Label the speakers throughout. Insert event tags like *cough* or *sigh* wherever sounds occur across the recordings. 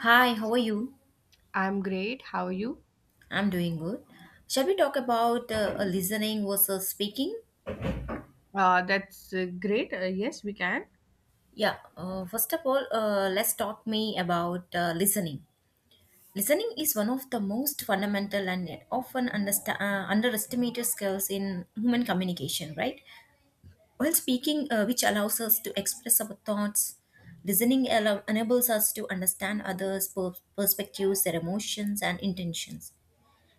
Speaker 1: Hi, how are you?
Speaker 2: I'm great. How are you?
Speaker 1: I'm doing good. Shall we talk about listening versus speaking?
Speaker 2: That's great. Yes, we can.
Speaker 1: Yeah, first of all, let's talk me about listening. Listening is one of the most fundamental and yet often underestimated skills in human communication, right? While speaking, which allows us to express our thoughts, enables us to understand others' perspectives, their emotions, and intentions.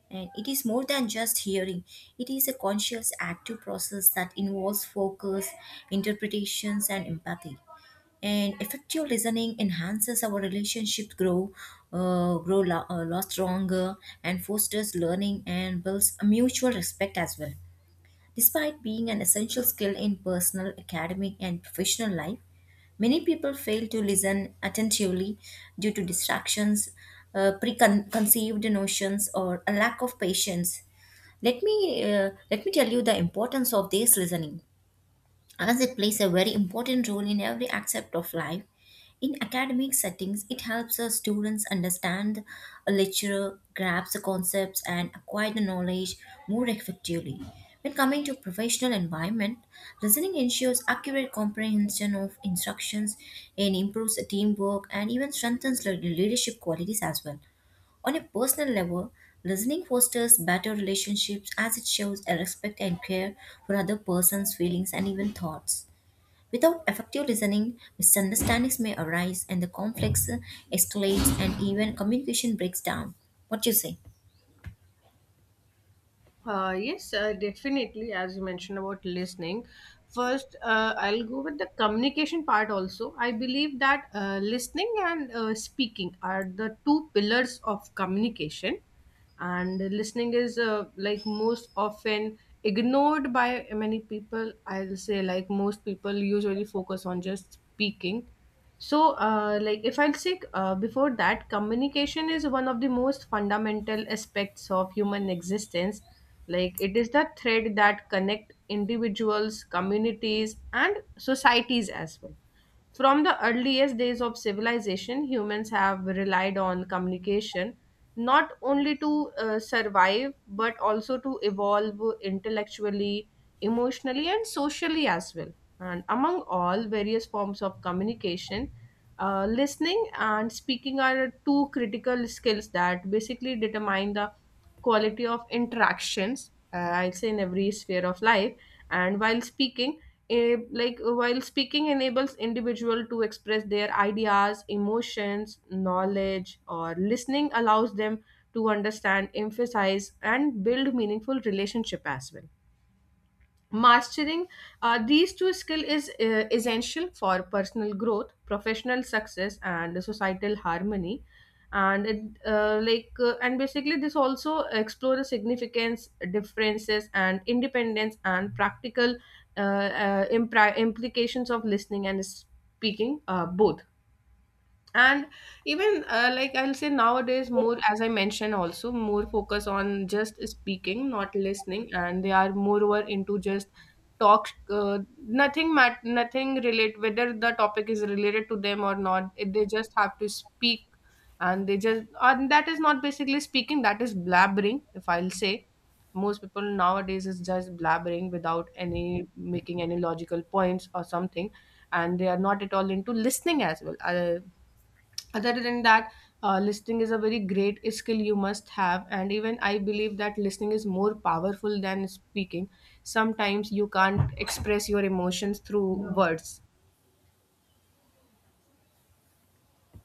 Speaker 1: And it is more than just hearing, it is a conscious active process that involves focus, interpretations, and empathy. And effective listening enhances our relationship grow, lot stronger, and fosters learning and builds a mutual respect as well. Despite being an essential skill in personal, academic, and professional life, many people fail to listen attentively due to distractions, preconceived notions, or a lack of patience. Let me tell you the importance of this listening, as it plays a very important role in every aspect of life. In academic settings, it helps the students understand a lecturer, grasp the concepts, and acquire the knowledge more effectively. When coming to professional environment, listening ensures accurate comprehension of instructions and improves teamwork and even strengthens leadership qualities as well. On a personal level, listening fosters better relationships as it shows a respect and care for other person's feelings and even thoughts. Without effective listening, misunderstandings may arise and the conflicts escalates and even communication breaks down. What do you say?
Speaker 2: Yes, definitely. As you mentioned about listening, first I'll go with the communication part also. I believe that listening and speaking are the two pillars of communication, and listening is like most often ignored by many people. I'll say like most people usually focus on just speaking so like if I'll say before that communication is one of the most fundamental aspects of human existence, like it is the thread that connect individuals, communities, and societies as well. From the earliest days of civilization, humans have relied on communication not only to survive but also to evolve intellectually, emotionally, and socially as well. And among all various forms of communication, listening and speaking are two critical skills that basically determine the quality of interactions, I'll say in every sphere of life. And while speaking while speaking enables individual to express their ideas, emotions, knowledge, or listening allows them to understand, emphasize, and build meaningful relationship as well. Mastering these two skills is essential for personal growth, professional success, and societal harmony. And it, like and basically, this also explore the significance, differences, and independence, and practical implications of listening and speaking both. And even like I'll say nowadays, more, as I mentioned also, more focus on just speaking, not listening, and they are moreover into just talk. Nothing relate, whether the topic is related to them or not, they just have to speak, and they just, and that is not basically speaking, that is blabbering, if I'll say. Most people nowadays is just blabbering without any making any logical points or something, and they are not at all into listening as well. Other than that, listening is a very great skill you must have, and even I believe that listening is more powerful than speaking. Sometimes you can't express your emotions through No. words.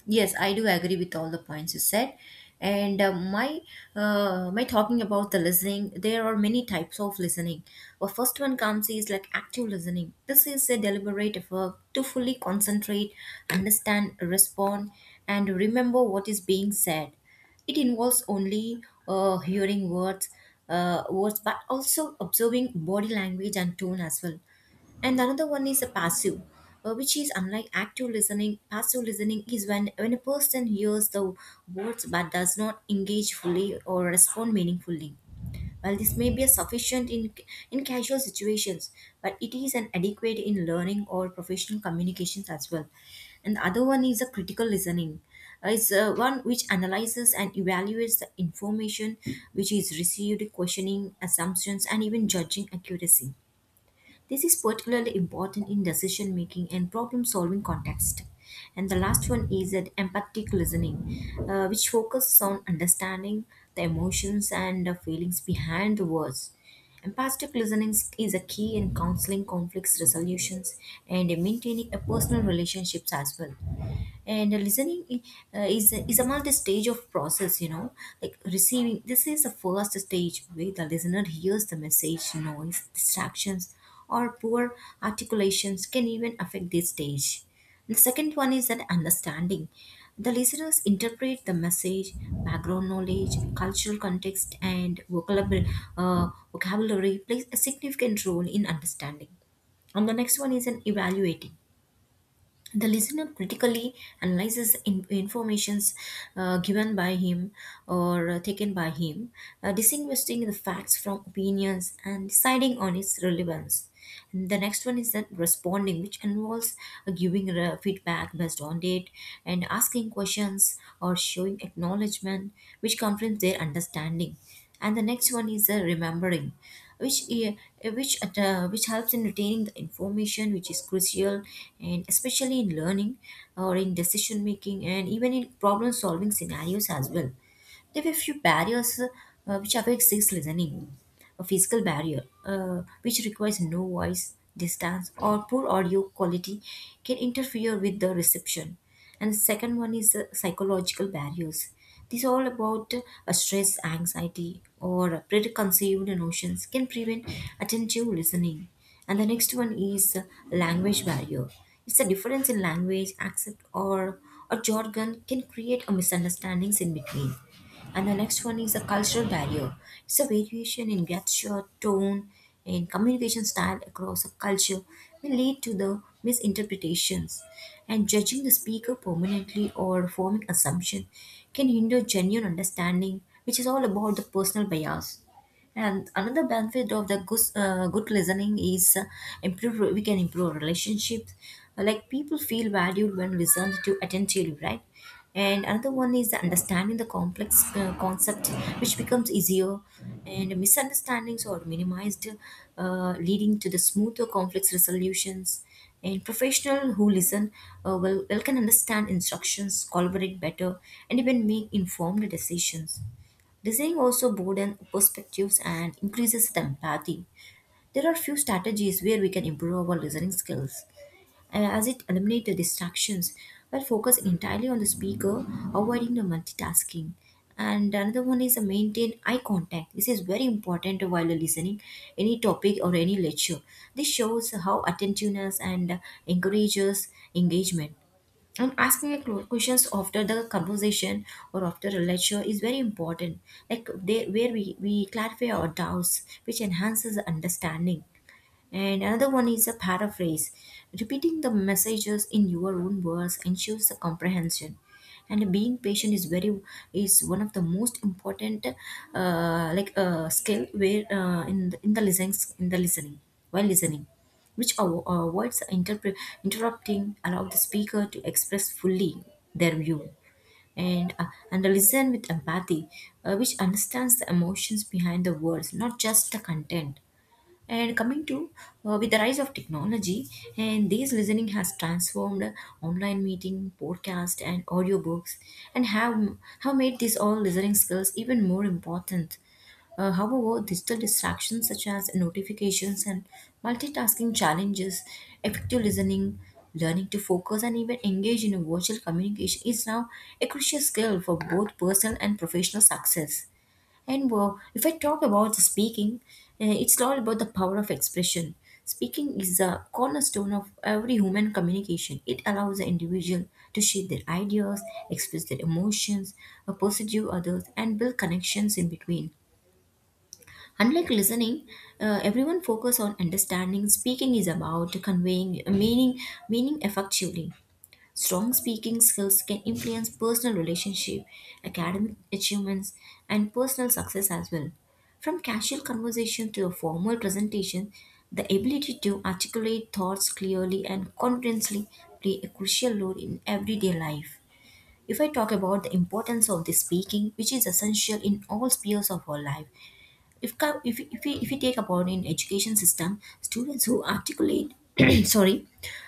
Speaker 1: Yes, I do agree with all the points you said. And my talking about the listening, there are many types of listening. The first one comes is like active listening. This is a deliberate effort to fully concentrate, understand, respond, and remember what is being said. It involves only uh, hearing words, words, but also observing body language and tone as well. And another one is a passive, which is unlike active listening. Passive listening is when a person hears the words but does not engage fully or respond meaningfully. While this may be sufficient in casual situations, but it is an adequate in learning or professional communications as well. And the other one is a critical listening. It's one which analyzes and evaluates the information which is received, questioning assumptions, and even judging accuracy. This is particularly important in decision making and problem solving context. And the last one is that empathic listening, which focuses on understanding the emotions and the feelings behind the words. Empathic listening is a key in counseling conflicts resolutions and maintaining a personal relationships as well. And the listening is a multi-stage of process, you know, like receiving. This is the first stage where the listener hears the message, noise, distractions, or poor articulations can even affect this stage. The second one is that understanding. The listeners interpret the message, background knowledge, cultural context, and vocabulary plays a significant role in understanding. And the next one is an evaluating. The listener critically analyzes informations given by him or taken by him, distinguishing the facts from opinions and deciding on its relevance. And the next one is that responding, which involves giving feedback based on it and asking questions or showing acknowledgement, which confirms their understanding and the next one is remembering which uh, which helps in retaining the information which is crucial and especially in learning or in decision making and even in problem solving scenarios as well. There were few barriers which affect six listening. A physical barrier, which requires no voice, distance, or poor audio quality, can interfere with the reception. And the second one is the psychological barriers. These all about stress, anxiety, or preconceived notions can prevent attentive listening. And the next one is language barrier. It's a difference in language, accent, or a jargon can create a misunderstandings in between. And the next one is the cultural barrier. It's a variation in gesture, tone, and communication style across a culture may lead to the misinterpretations. And judging the speaker permanently or forming assumption can hinder genuine understanding, which is all about the personal bias. And another benefit of the good listening is improve. We can improve relationships. Like people feel valued when listened to attentively, right? And another one is the understanding the complex concept, which becomes easier, and misunderstandings are minimized, leading to the smoother conflict resolutions. And professional who listen well can understand instructions, collaborate better, and even make informed decisions. Design also broadens perspectives and increases the empathy. There are few strategies where we can improve our listening skills, and as it eliminates the distractions while focusing entirely on the speaker, avoiding the multitasking. And another one is to maintain eye contact. This is very important while listening any topic or any lecture. This shows how attentiveness and encourages engagement. And asking a questions after the conversation or after a lecture is very important, like they, where we clarify our doubts, which enhances the understanding. And another one is a paraphrase. Repeating the messages in your own words ensures the comprehension. And being patient is very is one of the most important skill where in the listening while listening, which avoids interrupting, allow the speaker to express fully their view and and listen with empathy, which understands the emotions behind the words, not just the content. And coming to with the rise of technology, and this listening has transformed online meeting, podcast, and audiobooks, and have made these all listening skills even more important. However, digital distractions such as notifications and multitasking challenges effective listening, learning to focus, and even engage in a virtual communication is now a crucial skill for both personal and professional success. And well, if I talk about the speaking, it's all about the power of expression. Speaking is a cornerstone of every human communication. It allows the individual to share their ideas, express their emotions, pursue others, and build connections in between. Unlike listening, everyone focus on understanding. Speaking is about conveying meaning effectively. Strong speaking skills can influence personal relationship, academic achievements, and personal success as well. From casual conversation to a formal presentation, the ability to articulate thoughts clearly and confidently play a crucial role in everyday life. If I talk about the importance of the speaking, which is essential in all spheres of our life, if, co- if we take about in education system, students who articulate, *clears throat* sorry,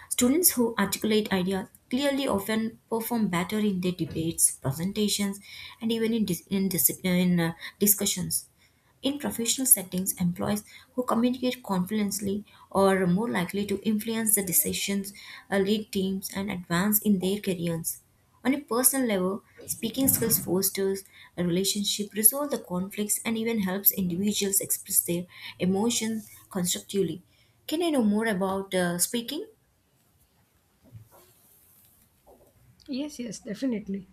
Speaker 1: students who articulate ideas clearly often perform better in their debates, presentations, and even in discussions. In professional settings, employees who communicate confidently are more likely to influence the decisions, lead teams, and advance in their careers. On a personal level, speaking skills fosters a relationship, resolve the conflicts, and even helps individuals express their emotions constructively. Can I know more about speaking?
Speaker 2: Yes, yes, definitely.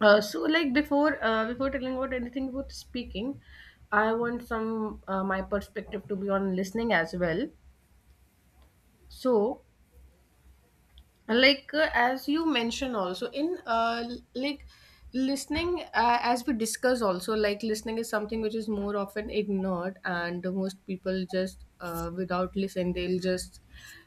Speaker 2: So, like before, before telling about anything about speaking, I want some my perspective to be on listening as well. So, like as you mentioned also in like listening, as we discuss also, like listening is something which is more often ignored, and most people just without listen they'll just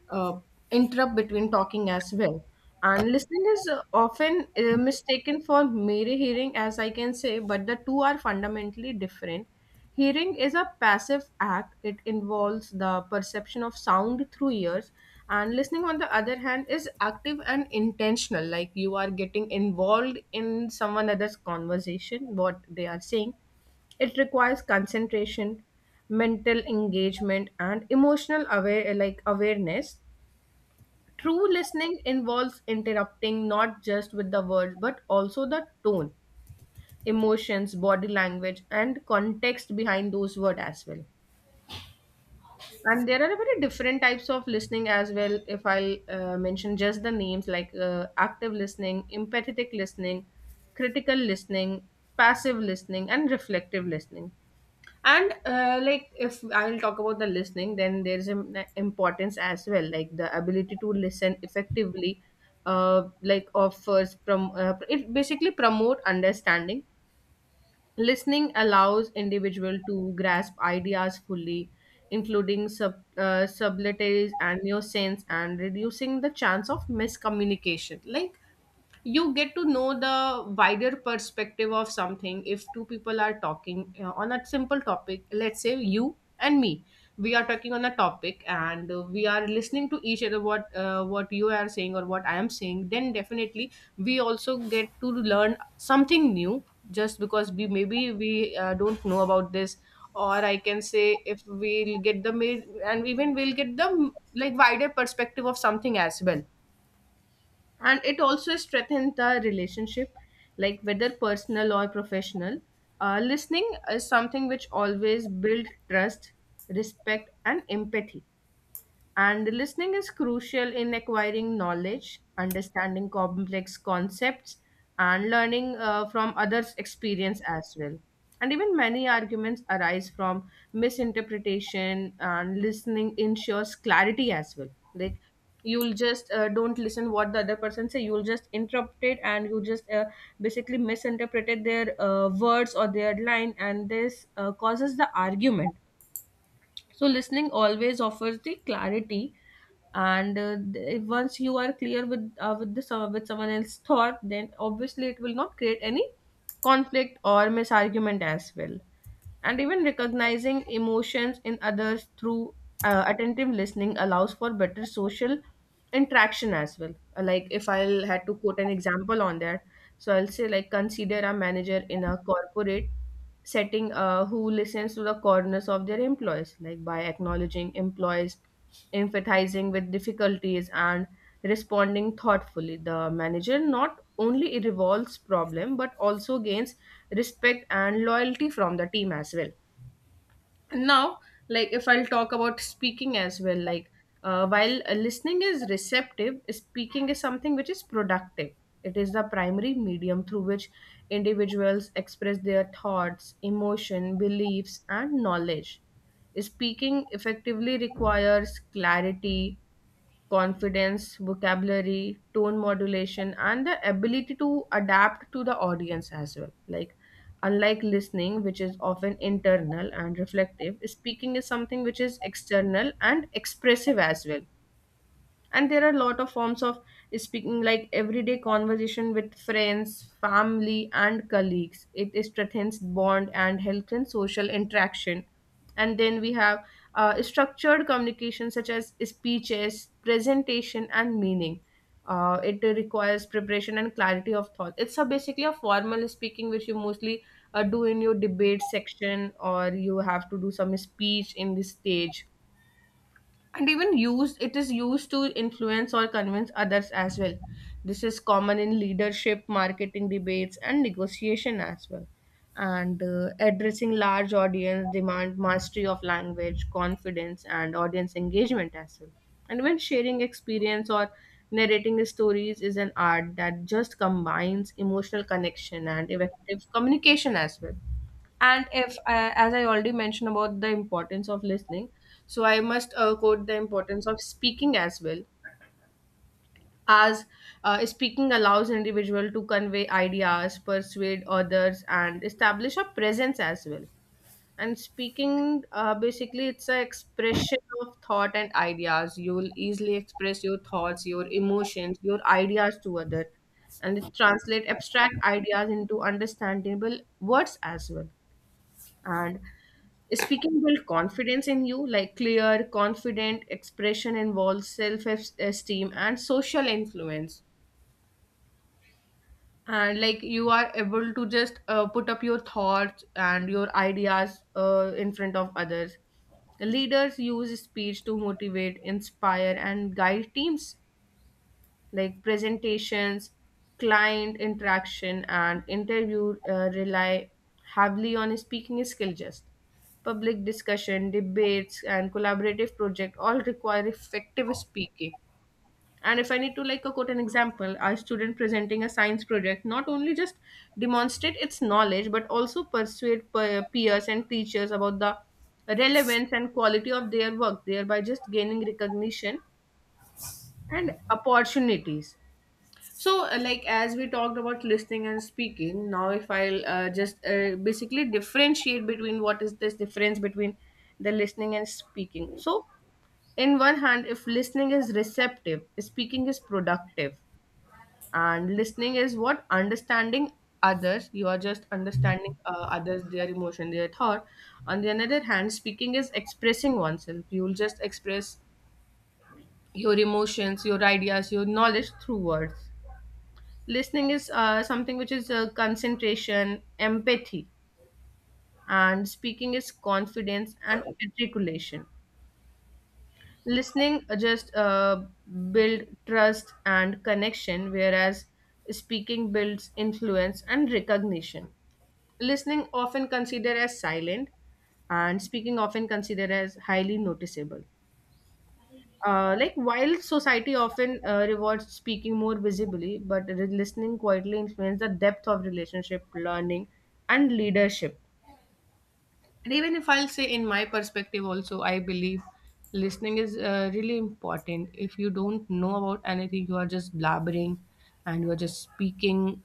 Speaker 2: uh, interrupt between talking as well. And listening is often mistaken for mere hearing, as I can say, but the two are fundamentally different. Hearing is a passive act; it involves the perception of sound through ears. And listening, on the other hand, is active and intentional, like you are getting involved in someone else's conversation, what they are saying. It requires concentration, mental engagement, and emotional awareness. True listening involves interrupting not just with the words but also the tone, emotions, body language, and context behind those words as well. And there are very different types of listening as well. If I'll mention just the names, like active listening, empathetic listening, critical listening, passive listening, and reflective listening. And like if I'll talk about the listening, then there's an importance as well, like the ability to listen effectively, like offers from it basically promote understanding. Listening allows individual to grasp ideas fully, including subtleties and nuisance, and reducing the chance of miscommunication. Like, you get to know the wider perspective of something. If two people are talking on a simple topic, let's say you and me, we are talking on a topic, and we are listening to each other, what you are saying or what I am saying, then definitely we also get to learn something new, just because we, maybe we don't know about this. Or I can say if we'll and even we'll get the like wider perspective of something as well. And it also strengthens the relationship, like whether personal or professional. Listening is something which always builds trust, respect, and empathy. And listening is crucial in acquiring knowledge, understanding complex concepts, and learning from others' experience as well. And even many arguments arise from misinterpretation, and listening ensures clarity as well. Like, you'll just don't listen what the other person say. You'll just interrupt it, and you just basically misinterpreted their words or their line, and this causes the argument. So listening always offers the clarity, and once you are clear with with someone else's thought, then obviously it will not create any conflict or misargument as well. And even recognizing emotions in others through attentive listening allows for better social interaction as well. Like if I'll had to quote an example on that, so I'll say, like, consider a manager in a corporate setting who listens to the corners of their employees, like by acknowledging employees, empathizing with difficulties, and responding thoughtfully, the manager not only resolves problem but also gains respect and loyalty from the team as well. Now, like if I'll talk about speaking as well, like while listening is receptive, speaking is something which is productive. It is the primary medium through which individuals express their thoughts, emotion, beliefs, and knowledge. Speaking effectively requires clarity, confidence, vocabulary, tone modulation, and the ability to adapt to the audience as well. Like, unlike listening, which is often internal and reflective, speaking is something which is external and expressive as well. And there are a lot of forms of speaking, like everyday conversation with friends, family, and colleagues. It strengthens bond and helps in social interaction. And then we have structured communication such as speeches, presentation, and meaning. It requires preparation and clarity of thought. It's a basically a formal speaking which you mostly do in your debate section or you have to do some speech in the stage. And even used, it is used to influence or convince others as well. This is common in leadership, marketing, debates, and negotiation as well. And addressing large audience demand mastery of language, confidence, and audience engagement as well. And when sharing experience or narrating stories is an art that just combines emotional connection and effective communication as well. And if as I already mentioned about the importance of listening, so I must quote the importance of speaking as well. As speaking allows individual to convey ideas, persuade others, and establish a presence as well. And speaking, basically, it's an expression of thought and ideas. You will easily express your thoughts, your emotions, your ideas to other. And it translate abstract ideas into understandable words as well. And speaking build confidence in you, like clear, confident expression involves self esteem and social influence. And like you are able to just put up your thoughts and your ideas in front of others. Leaders use speech to motivate, inspire, and guide teams, like presentations, client interaction, and interview rely heavily on speaking skill just. Public discussion, debates, and collaborative project all require effective speaking. And if I need to like a quote an example, a student presenting a science project not only just demonstrate its knowledge but also persuade peers and teachers about the relevance and quality of their work, thereby just gaining recognition and opportunities. So, like as we talked about listening and speaking, now if I'll just basically differentiate between what is this difference between the listening and speaking. So, in one hand, if listening is receptive, speaking is productive, and listening is what understanding others. You are just understanding others, their emotion, their thought. On the another hand, speaking is expressing oneself. You will just express your emotions, your ideas, your knowledge through words. Listening is something which is concentration, empathy, and speaking is confidence and articulation. Listening just build trust and connection, whereas speaking builds influence and recognition. Listening often considered as silent, and speaking often considered as highly noticeable. Like while society often rewards speaking more visibly, but listening quietly influences the depth of relationship, learning, and leadership. And even if I'll say, in my perspective, also, I believe listening is really important. If you don't know about anything, you are just blabbering and you are just speaking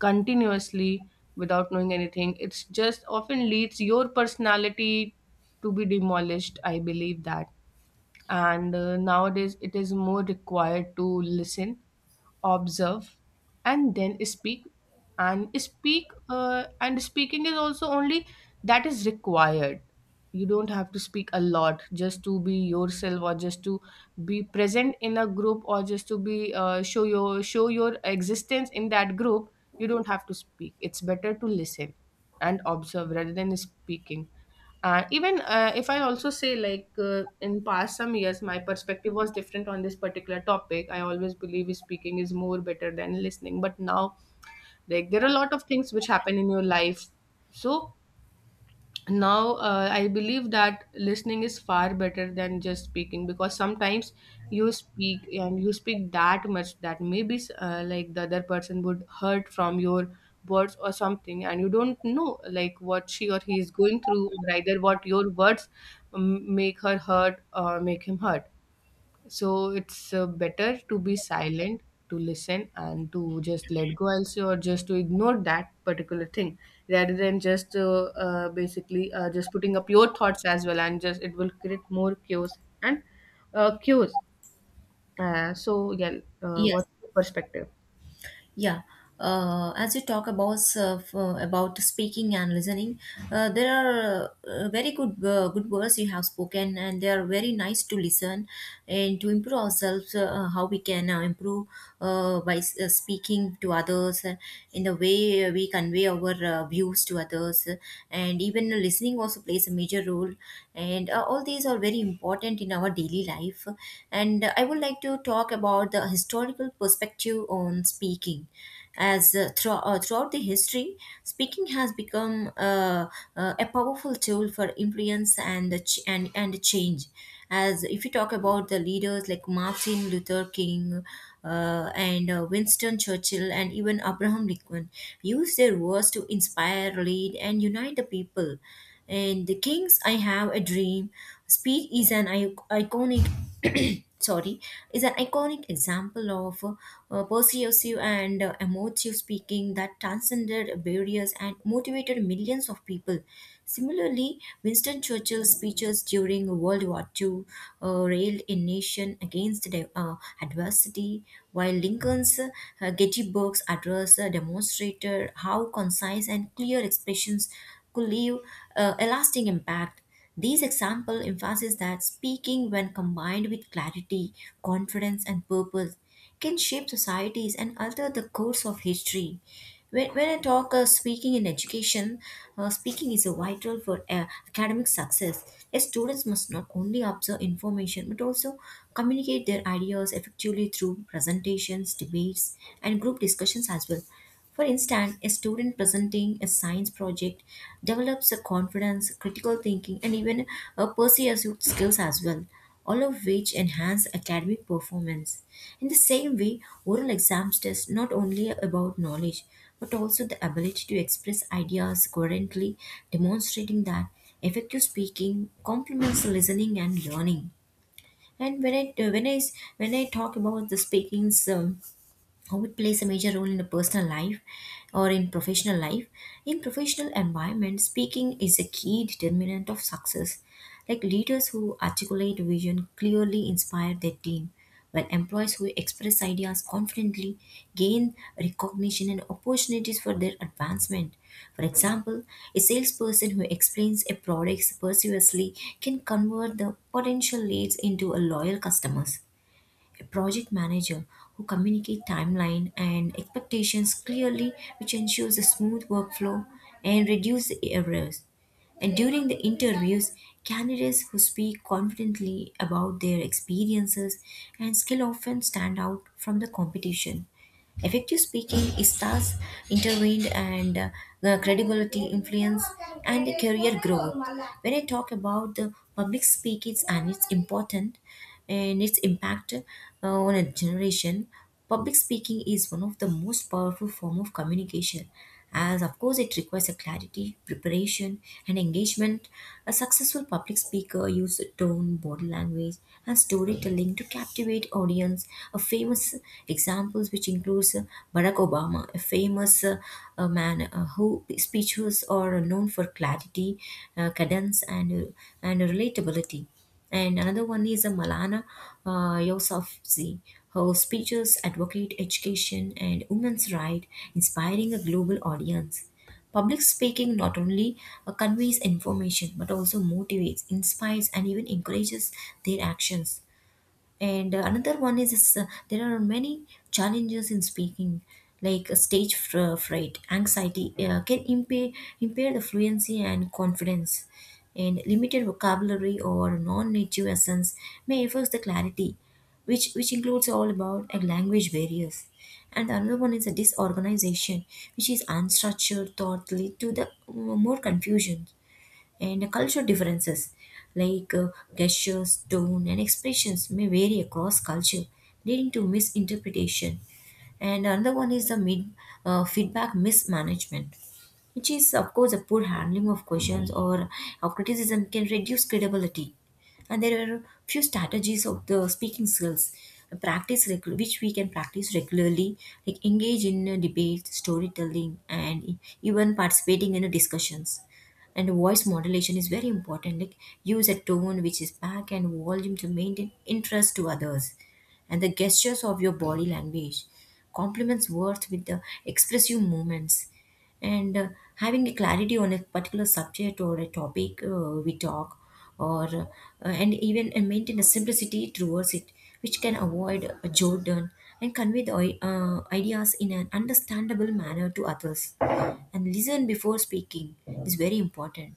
Speaker 2: continuously without knowing anything. It's just often leads your personality to be demolished. I believe that, and nowadays it is more required to listen, observe, and then speak. And speaking is also only that is required. You don't have to speak a lot just to be yourself or just to be present in a group or just to be, show your existence in that group. You don't have to speak. It's better to listen and observe rather than speaking. Even if I also say like, in past some years my perspective was different on this particular topic. I always believe speaking is more better than listening. But now, like, there are a lot of things which happen in your life. So now, I believe that listening is far better than just speaking, because sometimes you speak and you speak that much that maybe, like, the other person would hurt from your words or something, and you don't know like what she or he is going through, or either what your words make her hurt or make him hurt. So it's better to be silent, to listen, and to just let go, also, or just to ignore that particular thing, rather than just basically just putting up your thoughts as well, and just it will create more chaos and chaos. So yeah,
Speaker 1: Yes.
Speaker 2: what's your perspective?
Speaker 1: Yeah. As you talk about about speaking and listening, there are very good words you have spoken, and they are very nice to listen and to improve ourselves. How we can improve by speaking to others in the way we convey our views to others, and even listening also plays a major role. And all these are very important in our daily life, and I would like to talk about the historical perspective on speaking. As throughout the history, speaking has become a powerful tool for influence and and change. As if you talk about the leaders like Martin Luther King and Winston Churchill and even Abraham Lincoln, used their words to inspire, lead, and unite the people and the King's "I Have a Dream" speech is iconic *coughs* *clears throat* sorry is an iconic example of persuasive and emotive speaking that transcended barriers and motivated millions of people. Similarly, Winston Churchill's speeches during World War II railed a nation against adversity, while Lincoln's Gettysburg's address demonstrated how concise and clear expressions could leave a lasting impact. These examples emphasize that speaking, when combined with clarity, confidence, and purpose, can shape societies and alter the course of history. When I talk speaking in education, speaking is a vital for academic success. As students must not only observe information but also communicate their ideas effectively through presentations, debates, and group discussions as well. For instance, a student presenting a science project develops a confidence, critical thinking, and even a persuasive skills as well, all of which enhance academic performance. In the same way, oral exams test not only about knowledge but also the ability to express ideas coherently, demonstrating that effective speaking complements listening and learning. And when I talk about the speaking's, how it plays a major role in the personal life or in professional life, in professional environment, speaking is a key determinant of success. Like leaders who articulate vision clearly inspire their team, while employees who express ideas confidently gain recognition and opportunities for their advancement. For example, a salesperson who explains a product persuasively can convert the potential leads into a loyal customers. A project manager who communicates timeline and expectations clearly, which ensures a smooth workflow and reduces errors. And during the interviews, candidates who speak confidently about their experiences and skill often stand out from the competition. Effective speaking is stars intervened and the credibility, influence, and the career growth. When I talk about the public speaking and its important and its impact on a generation, public speaking is one of the most powerful form of communication, as of course it requires a clarity, preparation, and engagement. A successful public speaker uses tone, body language, and storytelling to captivate audience. A famous examples which includes Barack Obama, a famous man who speeches are known for clarity, cadence, and and relatability. And another one is a Malana Yousafzai. Her speeches advocate education and women's rights, inspiring a global audience. Public speaking not only conveys information but also motivates, inspires, and even encourages their actions. And another one is, there are many challenges in speaking, like stage fright anxiety can impair the fluency and confidence. And limited vocabulary or non-native essence may affect the clarity, which includes all about language barriers. And another one is a disorganization, which is unstructured thought lead to the more confusion. And culture differences, like gestures, tone, and expressions may vary across culture, leading to misinterpretation. And another one is the feedback mismanagement, which is, of course, a poor handling of questions or of criticism can reduce credibility. And there are few strategies of the speaking skills. Which we can practice regularly, like engage in a debate, storytelling, and even participating in a discussions. And voice modulation is very important. Like use a tone which is back and volume to maintain interest to others. And the gestures of your body language complements words with the expressive movements. And having a clarity on a particular subject or a topic we talk or and even maintain a simplicity towards it, which can avoid a jordan and convey the ideas in an understandable manner to others. And listen before speaking is very important,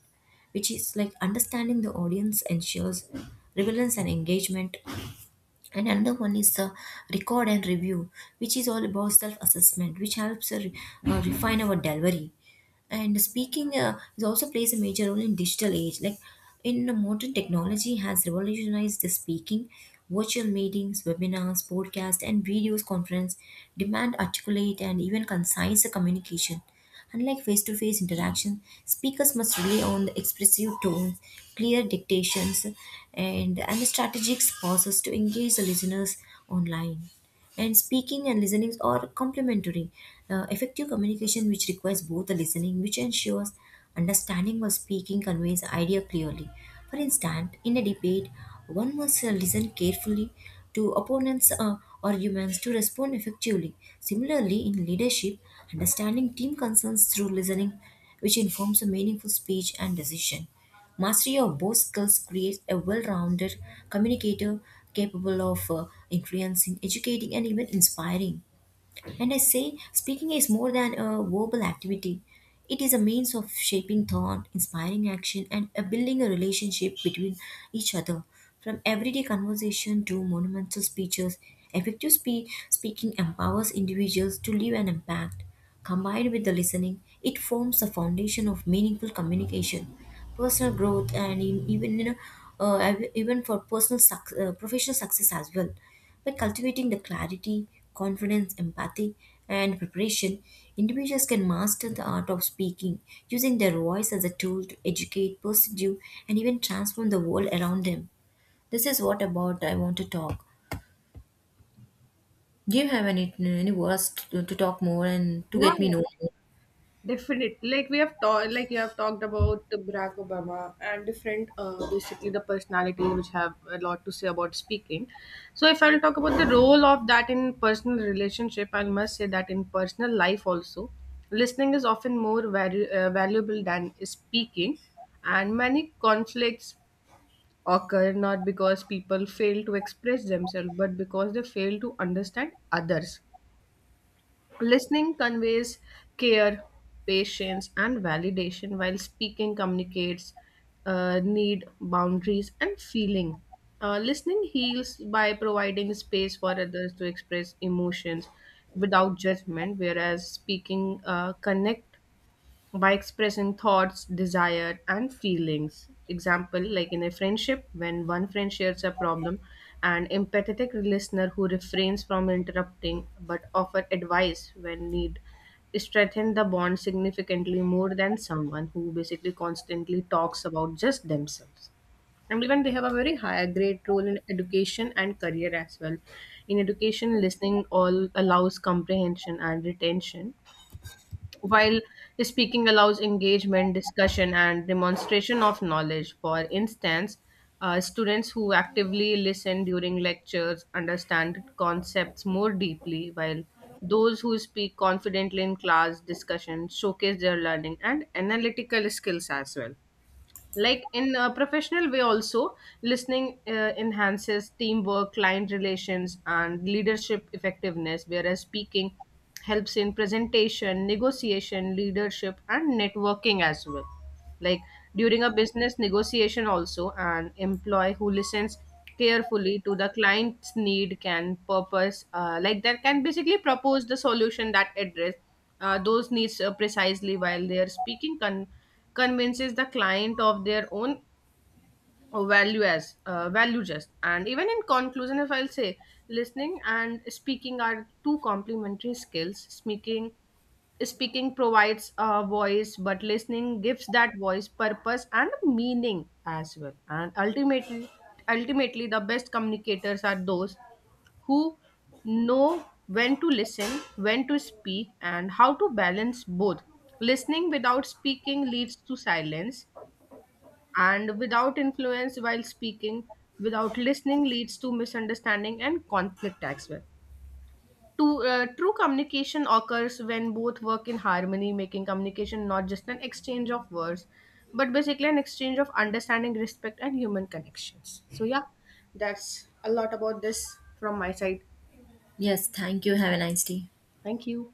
Speaker 1: which is like understanding the audience ensures relevance and engagement. And another one is the record and review, which is all about self-assessment, which helps refine our delivery. And speaking is also plays a major role in digital age, like in the modern technology has revolutionized the speaking. Virtual meetings, webinars, podcasts, and videos conference demand articulate and even concise communication. Unlike face-to-face interaction, speakers must rely on the expressive tones, clear dictations, and strategic pauses to engage the listeners online. And speaking and listening are complementary. Effective communication, which requires both the listening, which ensures understanding, while speaking conveys idea clearly. For instance, in a debate, one must listen carefully to opponents' arguments to respond effectively. Similarly, in leadership, understanding team concerns through listening, which informs a meaningful speech and decision. Mastery of both skills creates a well rounded communicator capable of influencing, educating, and even inspiring. And I say, speaking is more than a verbal activity. It is a means of shaping thought, inspiring action, and building a relationship between each other. From everyday conversation to monumental speeches, effective speaking empowers individuals to leave an impact. Combined with the listening, it forms the foundation of meaningful communication, personal growth, and in, even you know, uh, even for professional success as well. By cultivating the clarity, confidence, empathy, and preparation, individuals can master the art of speaking, using their voice as a tool to educate, pursue, and even transform the world around them. This is what about I want to talk. Do you have any words to talk more and to
Speaker 2: Yeah,
Speaker 1: get me
Speaker 2: yeah.
Speaker 1: know?
Speaker 2: Definitely, like we have talked, like you have talked about Barack Obama and different, basically the personalities which have a lot to say about speaking. So, if I'll talk about the role of that in personal relationship, I must say that in personal life also, listening is often more valuable than speaking, and many conflicts occur not because people fail to express themselves, but because they fail to understand others. Listening conveys care, patience, and validation, while speaking communicates need, boundaries, and feeling. Listening heals by providing space for others to express emotions without judgment, whereas speaking connects by expressing thoughts, desire, and feelings. Example, like in a friendship, when one friend shares a problem, an empathetic listener who refrains from interrupting but offer advice when need strengthen the bond significantly more than someone who basically constantly talks about just themselves. And even they have a very high great role in education and career as well. In education, listening all allows comprehension and retention, while speaking allows engagement, discussion, and demonstration of knowledge. For instance, students who actively listen during lectures understand concepts more deeply, while those who speak confidently in class discussion showcase their learning and analytical skills as well. Like, in a professional way also, listening enhances teamwork, client relations, and leadership effectiveness, whereas speaking helps in presentation, negotiation, leadership, and networking as well. Like, during a business negotiation also, an employee who listens carefully to the client's need can purpose, like, that can basically propose the solution that address those needs precisely, while they are convinces the client of their own or value as, value just. And even in conclusion, if I'll say, listening and speaking are two complementary skills. Speaking provides a voice, but listening gives that voice purpose and meaning as well. And ultimately, the best communicators are those who know when to listen, when to speak, and how to balance both. Listening without speaking leads to silence and without influence, while speaking without listening leads to misunderstanding and conflict as well. True communication occurs when both work in harmony, making communication not just an exchange of words, but basically an exchange of understanding, respect, and human connections. So yeah, that's a lot about this from my side.
Speaker 1: Yes, thank you. Have a nice day.
Speaker 2: Thank you.